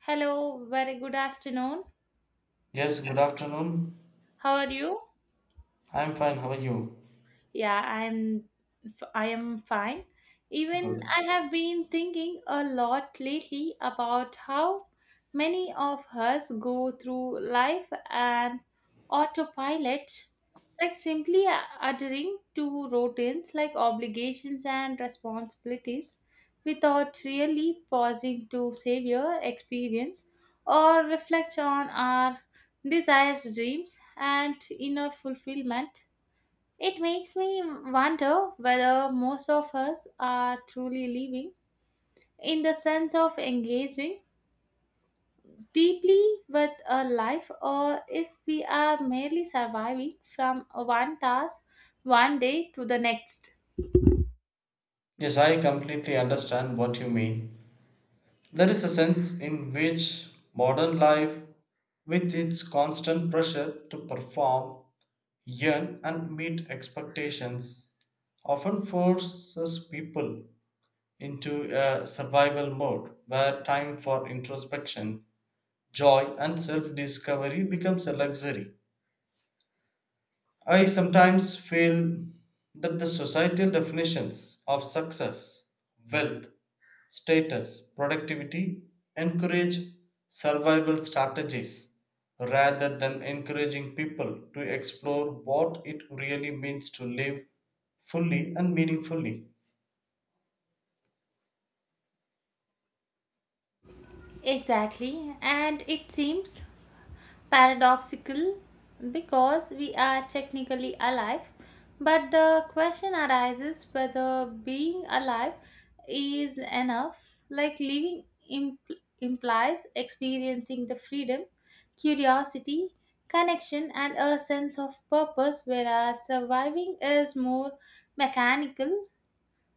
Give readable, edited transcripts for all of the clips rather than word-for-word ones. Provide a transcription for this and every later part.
Hello, very good afternoon. Yes, good afternoon. How are you? I'm fine. How are you? Yeah, I'm I am fine. Even Good. I have been thinking a lot lately about how many of us go through life and autopilot, like simply adhering to routines like obligations and responsibilities without really pausing to savor experience or reflect on our desires, dreams, and inner fulfillment. It makes me wonder whether most of us are truly living in the sense of engaging deeply with a life or if we are merely surviving from one task one day to the next. Yes, I completely understand what you mean. There is a sense in which modern life, with its constant pressure to perform, earn, and meet expectations, often forces people into a survival mode where time for introspection, joy, and self discovery becomes a luxury. I sometimes feel that the societal definitions of success, wealth, status, productivity encourage survival strategies rather than encouraging people to explore what it really means to live fully and meaningfully. Exactly, and it seems paradoxical because we are technically alive, but the question arises whether being alive is enough. Like living implies experiencing the freedom, curiosity, connection, and a sense of purpose, whereas surviving is more mechanical,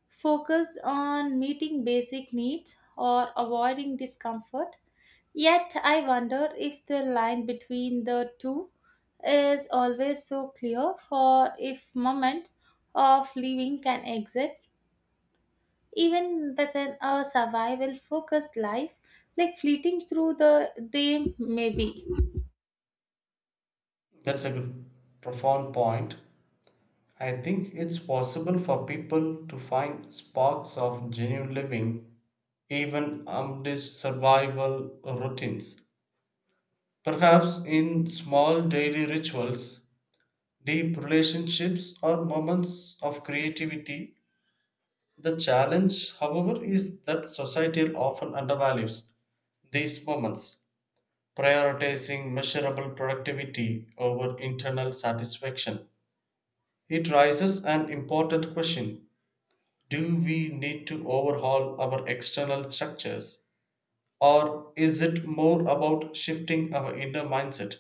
focused on meeting basic needs or avoiding discomfort. Yet I wonder if the line between the two is always so clear, or if moments of living can exist even within a survival focused life, like fleeting through the they may be. That's a good, profound point. I think it's possible for people to find sparks of genuine living even amidst survival routines. Perhaps in small daily rituals, deep relationships, or moments of creativity. The challenge, however, is that society often undervalues these moments, prioritizing measurable productivity over internal satisfaction. It raises an important question: do we need to overhaul our external structures, or is it more about shifting our inner mindset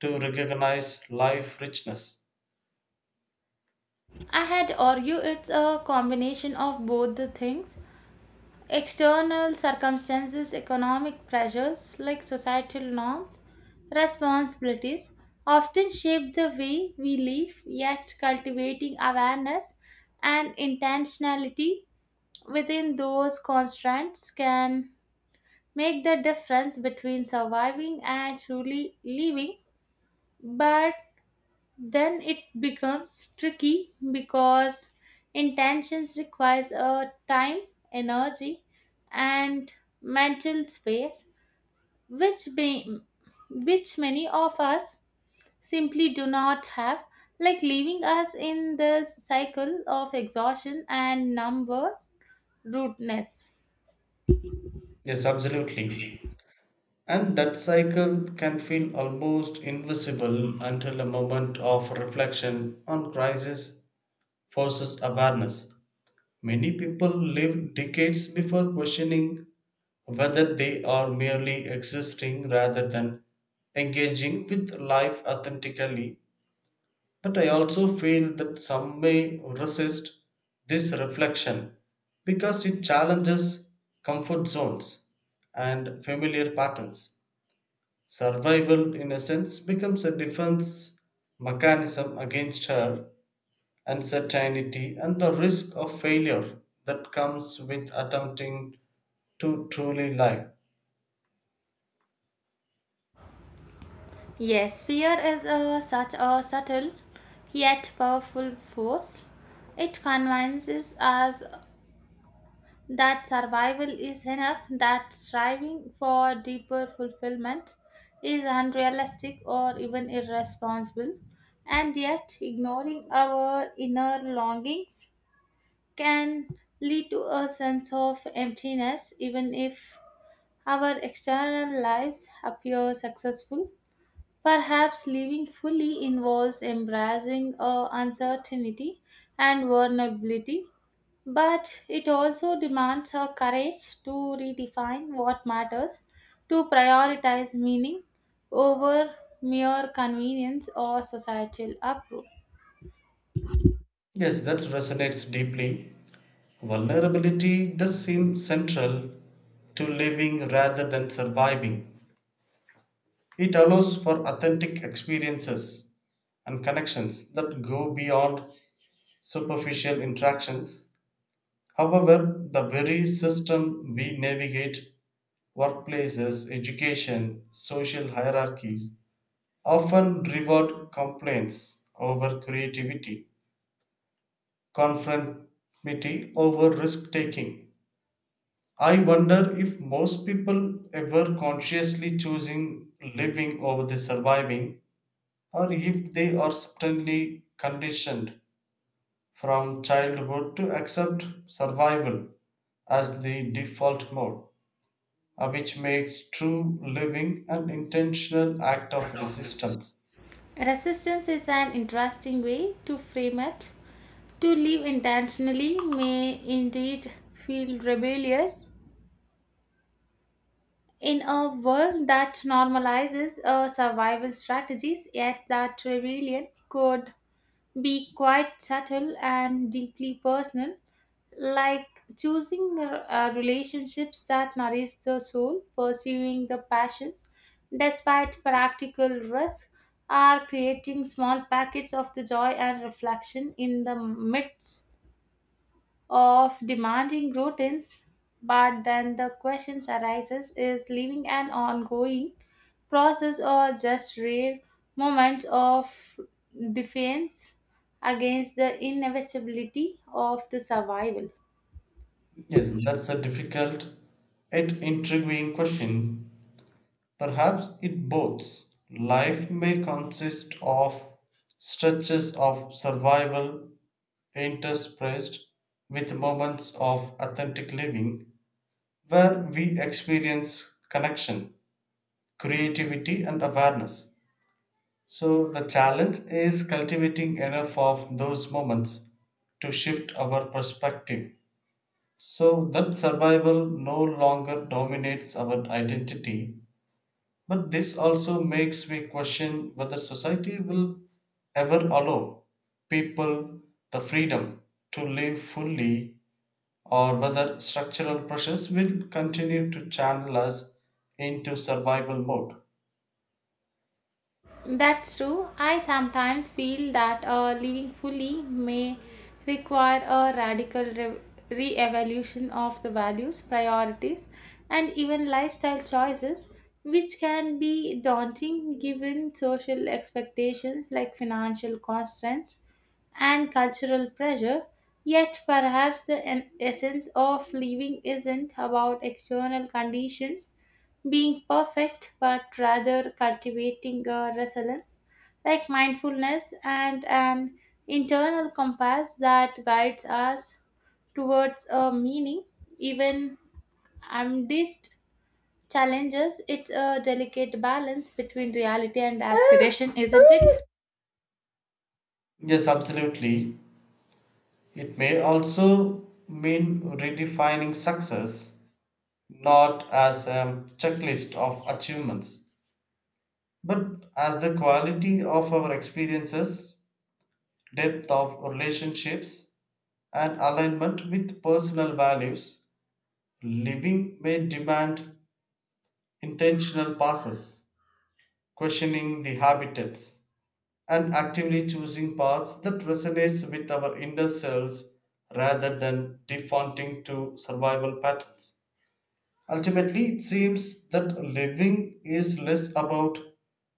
to recognize life richness? I had argue it's a combination of both the things. External circumstances, economic pressures like societal norms, responsibilities often shape the way we live, yet cultivating awareness and intentionality within those constraints can make the difference between surviving and truly living. But then it becomes tricky because intentions requires a time, energy, and mental space which be, which many of us simply do not have, like leaving us in this cycle of exhaustion and number rudeness. Yes, absolutely. And that cycle can feel almost invisible until a moment of reflection on crisis forces awareness. Many people live decades before questioning whether they are merely existing rather than engaging with life authentically. But I also feel that some may resist this reflection because it challenges comfort zones and familiar patterns. Survival, in a sense, becomes a defense mechanism against her uncertainty and the risk of failure that comes with attempting to truly live. Yes, fear is such a subtle yet powerful force. It convinces us that survival is enough, that striving for deeper fulfillment is unrealistic or even irresponsible, and yet ignoring our inner longings can lead to a sense of emptiness even if our external lives appear successful. Perhaps living fully involves embracing uncertainty and vulnerability, but it also demands a courage to redefine what matters, to prioritize meaning over mere convenience or societal approval. Yes, that resonates deeply. Vulnerability does seem central to living rather than surviving. It allows for authentic experiences and connections that go beyond superficial interactions. However, the very system we navigate, workplaces, education, social hierarchies, often reward complaints over creativity, conformity over risk taking. I wonder if most people ever consciously choosing living over the surviving, or if they are certainly conditioned from childhood to accept survival as the default mode, which makes true living an intentional act of resistance. Resistance is an interesting way to frame it. To live intentionally may indeed feel rebellious in a world that normalizes survival strategies, yet that rebellion could be quite subtle and deeply personal, like choosing relationships that nourish the soul, pursuing the passions despite practical risk, are creating small packets of the joy and reflection in the midst of demanding routines. But then the questions arises, is living an ongoing process or just rare moments of defense against the inevitability of the survival. Yes, that's a difficult yet intriguing question. Perhaps it both. Life may consist of stretches of survival interspersed with moments of authentic living where we experience connection, creativity, and awareness. So, the challenge is cultivating enough of those moments to shift our perspective so that survival no longer dominates our identity. But this also makes me question whether society will ever allow people the freedom to live fully, or whether structural pressures will continue to channel us into survival mode. That's true. I sometimes feel that living fully may require a radical re-evaluation of the values, priorities, and even lifestyle choices, which can be daunting given social expectations like financial constraints and cultural pressure. Yet, perhaps the essence of living isn't about external conditions being perfect, but rather cultivating a resilience like mindfulness and an internal compass that guides us towards a meaning. Even amidst challenges, it's a delicate balance between reality and aspiration, isn't it? Yes, absolutely. It may also mean redefining success not as a checklist of achievements, but as the quality of our experiences, depth of relationships, and alignment with personal values. Living may demand intentional passes, questioning the habitats and actively choosing paths that resonates with our inner selves rather than defaulting to survival patterns. Ultimately, it seems that living is less about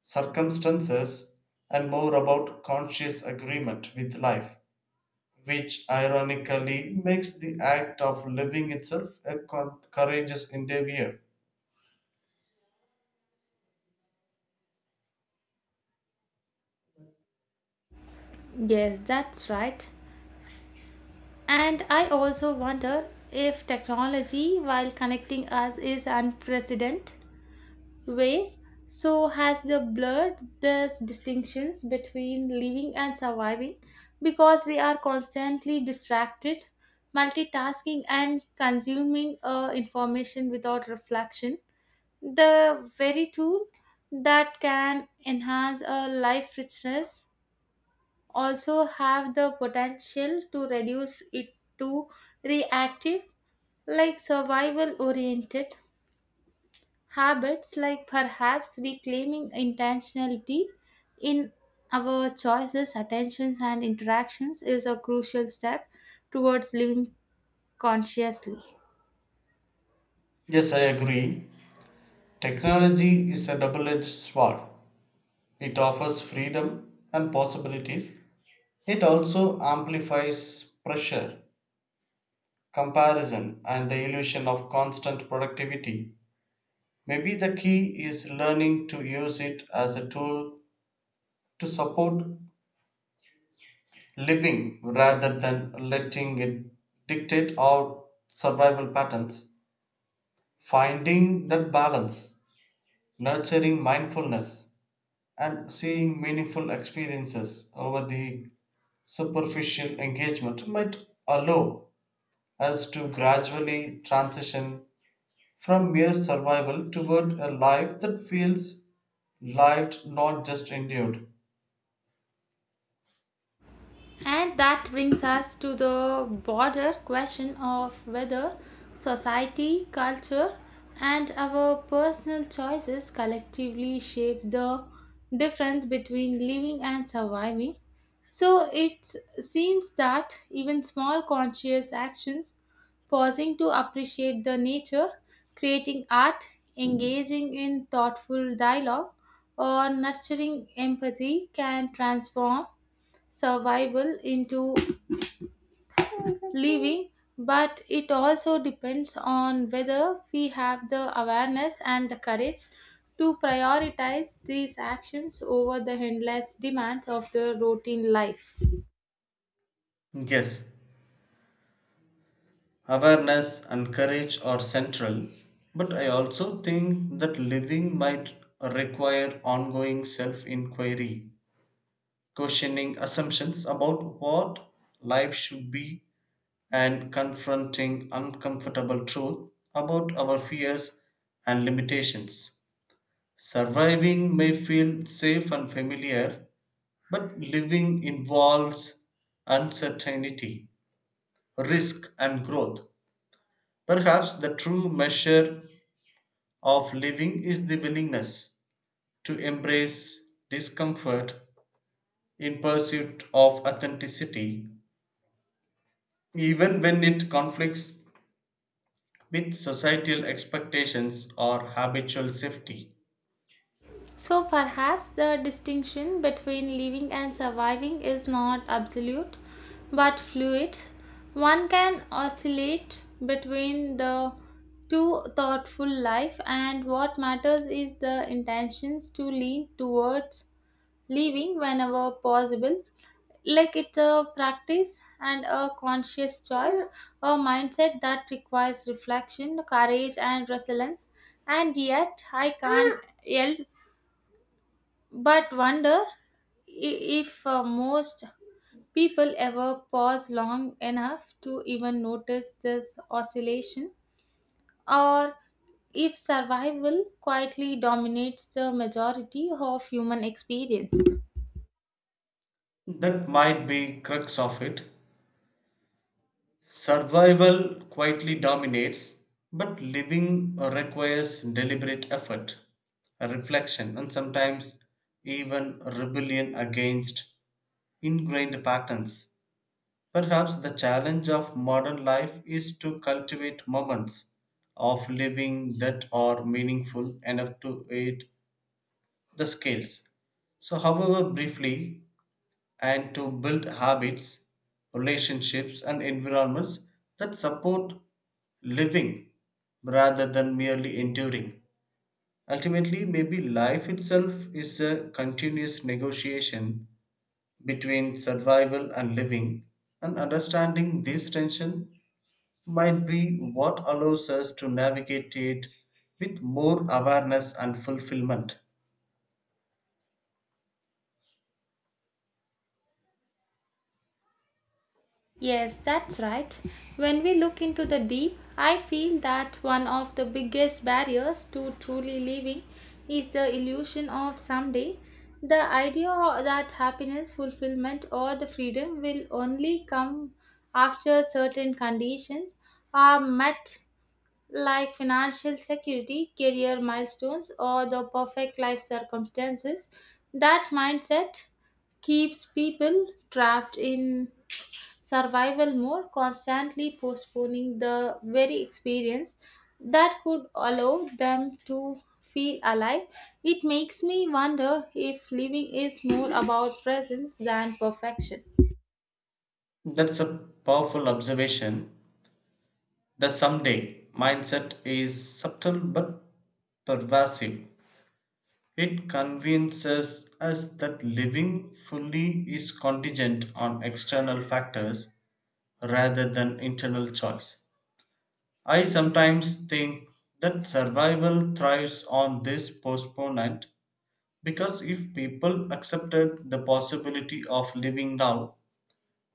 circumstances and more about conscious agreement with life, which ironically makes the act of living itself a courageous endeavor. Yes, that's right. And I also wonder if technology, while connecting us, is unprecedented ways. So has the blurred these distinctions between living and surviving because we are constantly distracted, multitasking and consuming information without reflection. The very tool that can enhance a life richness also have the potential to reduce it to reactive, like survival oriented habits, like perhaps reclaiming intentionality in our choices, attentions, and interactions is a crucial step towards living consciously. Yes, I agree. Technology is a double edged sword. It offers freedom and possibilities. It also amplifies pressure, comparison, and the illusion of constant productivity. Maybe the key is learning to use it as a tool to support living rather than letting it dictate our survival patterns. Finding that balance, nurturing mindfulness, and seeing meaningful experiences over the superficial engagement might allow us to gradually transition from mere survival toward a life that feels lived, not just endured. And that brings us to the broader question of whether society, culture, and our personal choices collectively shape the difference between living and surviving. So it seems that even small conscious actions, pausing to appreciate the nature, creating art, engaging in thoughtful dialogue, or nurturing empathy can transform survival into living, but it also depends on whether we have the awareness and the courage to prioritize these actions over the endless demands of the routine life. Yes, awareness and courage are central, but I also think that living might require ongoing self inquiry, questioning assumptions about what life should be, and confronting uncomfortable truth about our fears and limitations. Surviving may feel safe and familiar, but living involves uncertainty, risk, and growth. Perhaps the true measure of living is the willingness to embrace discomfort in pursuit of authenticity, even when it conflicts with societal expectations or habitual safety. So perhaps the distinction between living and surviving is not absolute but fluid. One can oscillate between the two thoughtful life, and what matters is the intentions to lean towards living whenever possible. Like it's a practice and a conscious choice, a mindset that requires reflection, courage and resilience. And yet I can't yell but wonder if most people ever pause long enough to even notice this oscillation or if survival quietly dominates the majority of human experience. That might be crux of it. Survival quietly dominates, but living requires deliberate effort, reflection, and sometimes even rebellion against ingrained patterns. Perhaps the challenge of modern life is to cultivate moments of living that are meaningful enough to aid the scales, so, however briefly, and to build habits, relationships, and environments that support living rather than merely enduring. Ultimately, maybe life itself is a continuous negotiation between survival and living, and understanding this tension might be what allows us to navigate it with more awareness and fulfillment. Yes, that's right. When we look into the deep, I feel that one of the biggest barriers to truly living is the illusion of someday. The idea that happiness, fulfillment, or the freedom will only come after certain conditions are met, like financial security, career milestones, or the perfect life circumstances. That mindset keeps people trapped in survival mode, constantly postponing the very experience that could allow them to feel alive. It makes me wonder if living is more about presence than perfection. That's a powerful observation. The someday mindset is subtle but pervasive. It convinces us that living fully is contingent on external factors rather than internal choice. I sometimes think that survival thrives on this postponement because if people accepted the possibility of living now,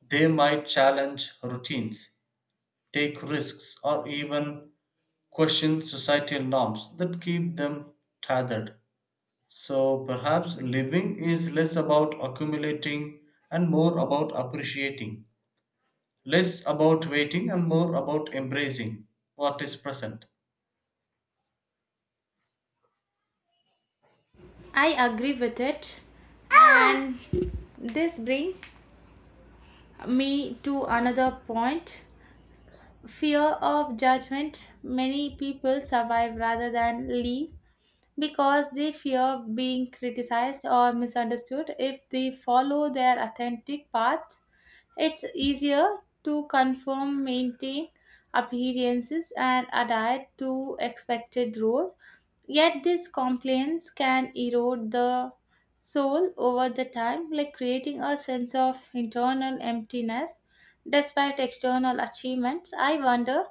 they might challenge routines, take risks, or even question societal norms that keep them tethered. So perhaps living is less about accumulating and more about appreciating, less about waiting and more about embracing what is present. I agree with it, and this brings me to another point, fear of judgment. Many people survive rather than leave because they fear being criticized or misunderstood. If they follow their authentic path, it's easier to conform, maintain appearances, and adhere to expected roles. Yet these complaints can erode the soul over the time, like creating a sense of internal emptiness despite external achievements. I wonder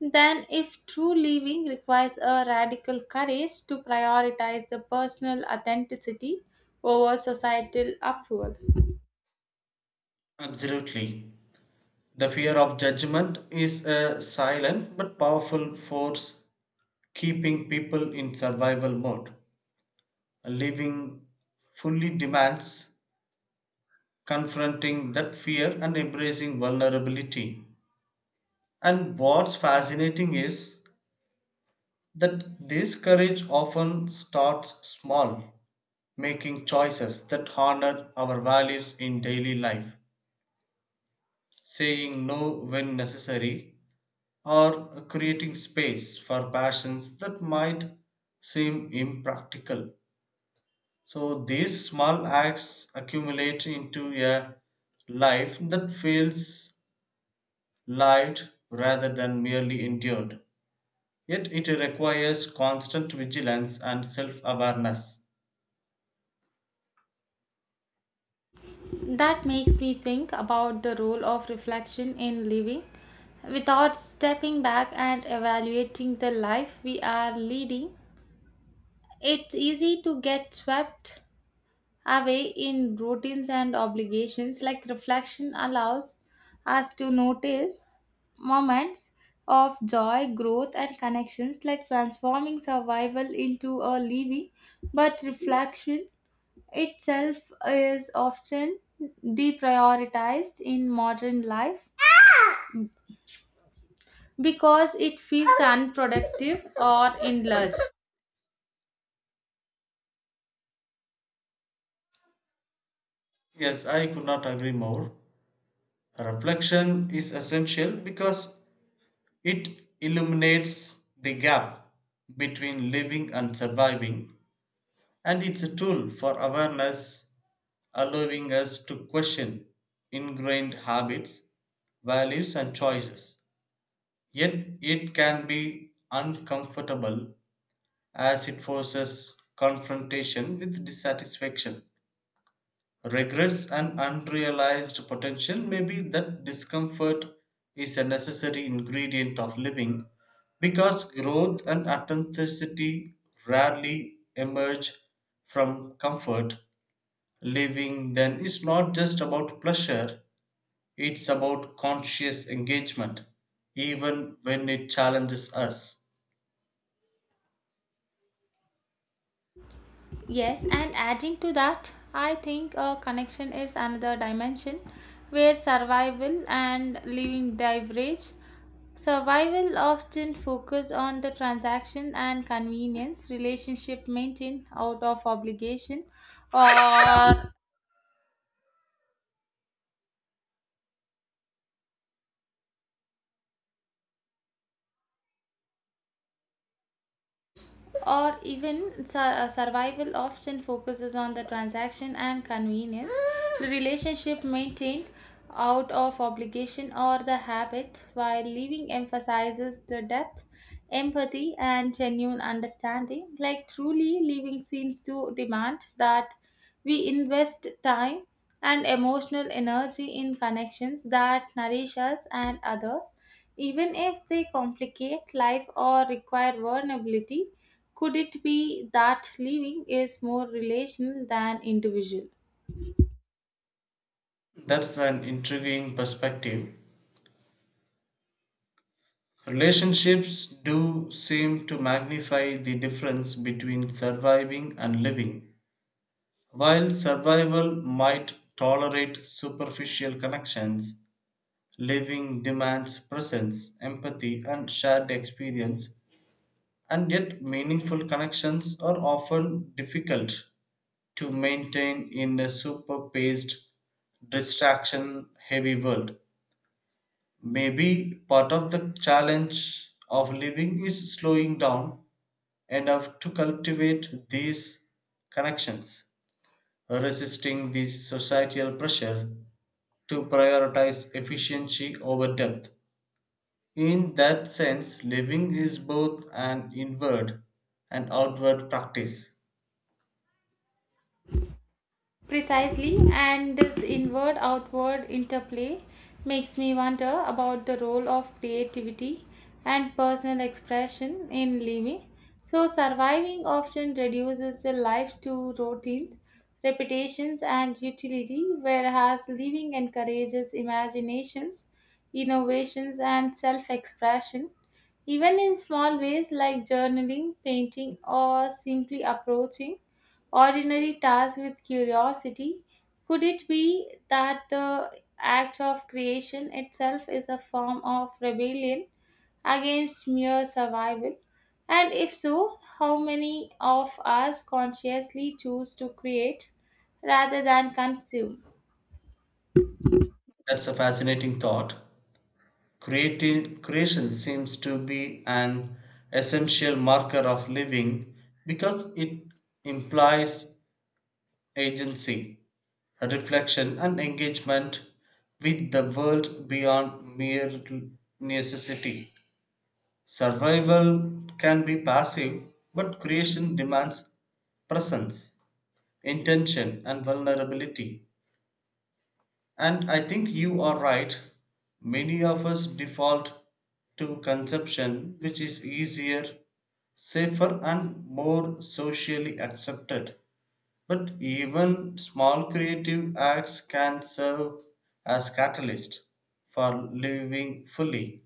then if true living requires a radical courage to prioritize the personal authenticity over societal approval. Absolutely. The fear of judgment is a silent but powerful force keeping people in survival mode. Living fully demands confronting that fear and embracing vulnerability. And what's fascinating is that this courage often starts small, making choices that honor our values in daily life, saying no when necessary, or creating space for passions that might seem impractical. So these small acts accumulate into a life that feels lived rather than merely endured. Yet it requires constant vigilance and self awareness. That makes me think about the role of reflection in living without stepping back and evaluating the life we are leading. It's easy to get swept away in routines and obligations, like reflection allows us to notice moments of joy, growth and connections, like transforming survival into a living, but reflection itself is often deprioritized in modern life because it feels unproductive or indulged. Yes, I could not agree more. Reflection is essential because it illuminates the gap between living and surviving, and it's a tool for awareness, allowing us to question ingrained habits, values, and choices. Yet it can be uncomfortable as it forces confrontation with dissatisfaction, regrets and unrealized potential. Maybe that discomfort is a necessary ingredient of living because growth and authenticity rarely emerge from comfort. Living then is not just about pleasure, it's about conscious engagement, even when it challenges us. Yes, and adding to that, I think a connection is another dimension where survival and living diverge. Survival often focus on the transaction and convenience relationship maintained out of obligation or or even sur- Survival often focuses on the transaction and convenience. The relationship maintained out of obligation or the habit, while leaving emphasizes the depth, empathy, and genuine understanding. Like truly, leaving seems to demand that we invest time and emotional energy in connections that nourish us and others, even if they complicate life or require vulnerability. Could it be that living is more relational than individual? That's an intriguing perspective. Relationships do seem to magnify the difference between surviving and living. While survival might tolerate superficial connections, living demands presence, empathy, and shared experience, and yet meaningful connections are often difficult to maintain in a super paced, distraction heavy world. Maybe part of the challenge of living is slowing down and have to cultivate these connections, resisting the societal pressure to prioritize efficiency over depth. In that sense, living is both an inward and outward practice. Precisely, and this inward outward interplay makes me wonder about the role of creativity and personal expression in living. So, surviving often reduces the life to routines, repetitions, and utility, whereas living encourages imaginations, innovations, and self expression. Even in small ways like journaling, painting, or simply approaching ordinary tasks with curiosity. Could it be that the act of creation itself is a form of rebellion against mere survival? And if so, how many of us consciously choose to create rather than consume? That's a fascinating thought. Creation seems to be an essential marker of living because it implies agency, reflection, and engagement with the world beyond mere necessity. Survival can be passive, but creation demands presence, intention, and vulnerability. And I think you are right. Many of us default to conception, which is easier, safer, and more socially accepted. But even small creative acts can serve as catalysts for living fully,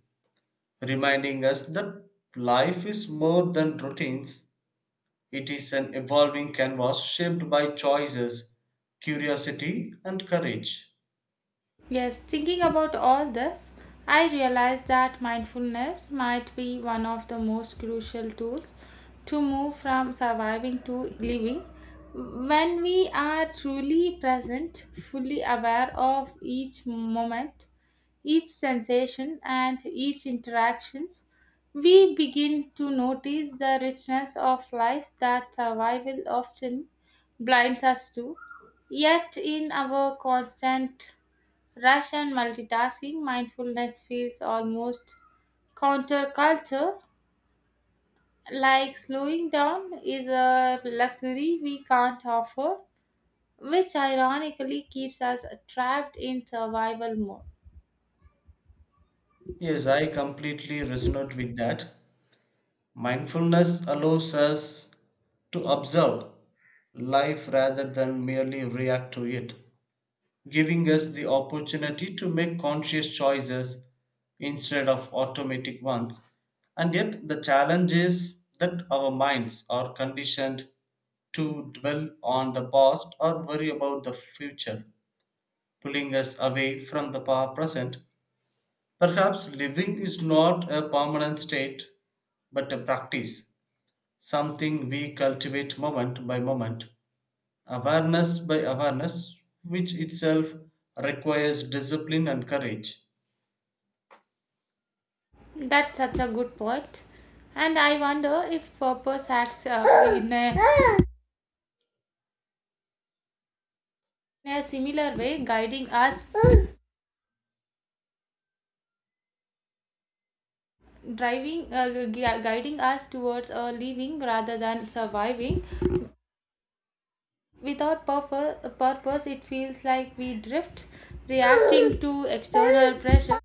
reminding us that life is more than routines. It is an evolving canvas shaped by choices, curiosity, and courage. Yes, thinking about all this, I realized that mindfulness might be one of the most crucial tools to move from surviving to living. When we are truly present, fully aware of each moment, each sensation, and each interactions, we begin to notice the richness of life that survival often blinds us to. Yet, in our constant rush and multitasking, mindfulness feels almost counterculture, like slowing down is a luxury we can't offer, which ironically keeps us trapped in survival mode. Yes, I completely resonate with that. Mindfulness allows us to observe life rather than merely react to it, giving us the opportunity to make conscious choices instead of automatic ones. And yet, the challenge is that our minds are conditioned to dwell on the past or worry about the future, pulling us away from the present. Perhaps living is not a permanent state, but a practice, something we cultivate moment by moment, awareness by awareness, which itself requires discipline and courage. That's such a good point. And I wonder if purpose acts up in a, in a similar way, guiding us, driving, uh, gui- guiding us towards a living rather than surviving. Without purpose, it feels like we drift, reacting to external pressure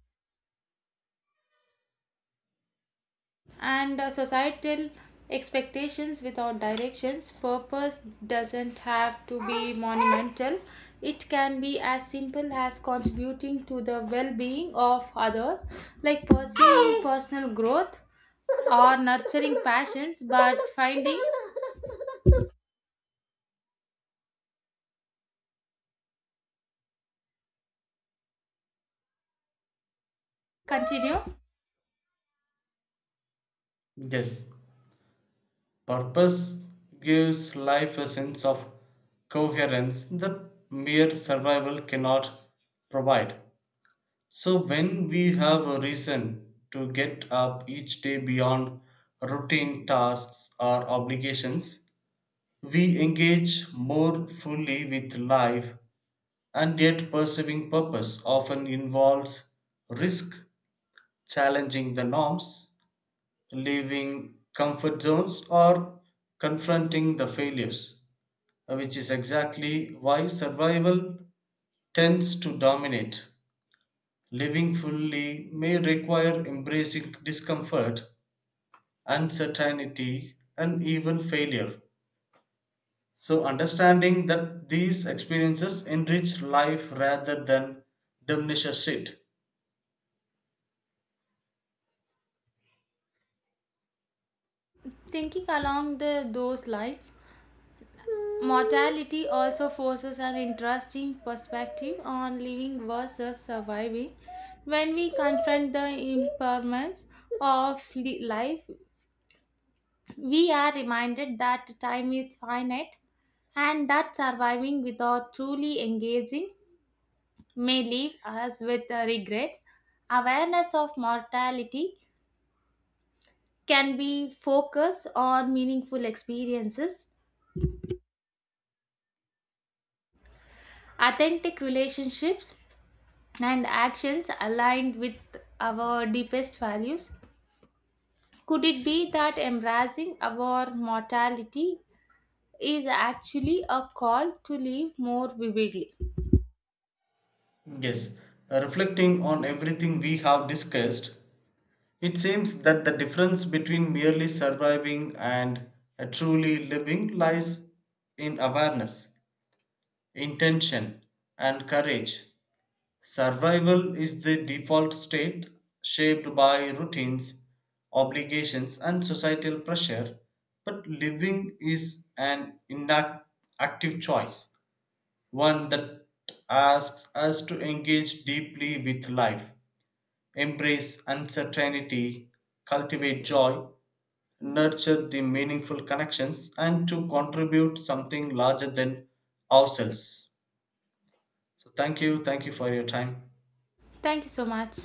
and societal expectations without directions. Purpose doesn't have to be monumental, it can be as simple as contributing to the well being of others, like pursuing personal growth or nurturing passions, but finding continue Yes, purpose gives life a sense of coherence that mere survival cannot provide. So, when we have a reason to get up each day beyond routine tasks or obligations, we engage more fully with life, and yet pursuing purpose often involves risk, challenging the norms, leaving comfort zones, or confronting the failures, which is exactly why survival tends to dominate. Living fully may require embracing discomfort, uncertainty, and even failure, so understanding that these experiences enrich life rather than diminishes it. thinking along the those lines. Mortality also forces an interesting perspective on living versus surviving. When we confront the impermanence of life, we are reminded that time is finite and that surviving without truly engaging may leave us with regrets. Awareness of mortality can be focused on meaningful experiences, authentic relationships, and actions aligned with our deepest values? Could it be that embracing our mortality is actually a call to live more vividly? Yes, reflecting on everything we have discussed, it seems that the difference between merely surviving and a truly living lies in awareness, intention, and courage. Survival is the default state shaped by routines, obligations, and societal pressure, but living is an active choice, one that asks us to engage deeply with life, embrace uncertainty, cultivate joy, nurture the meaningful connections and to contribute something larger than ourselves. So thank you, thank you for your time. Thank you so much.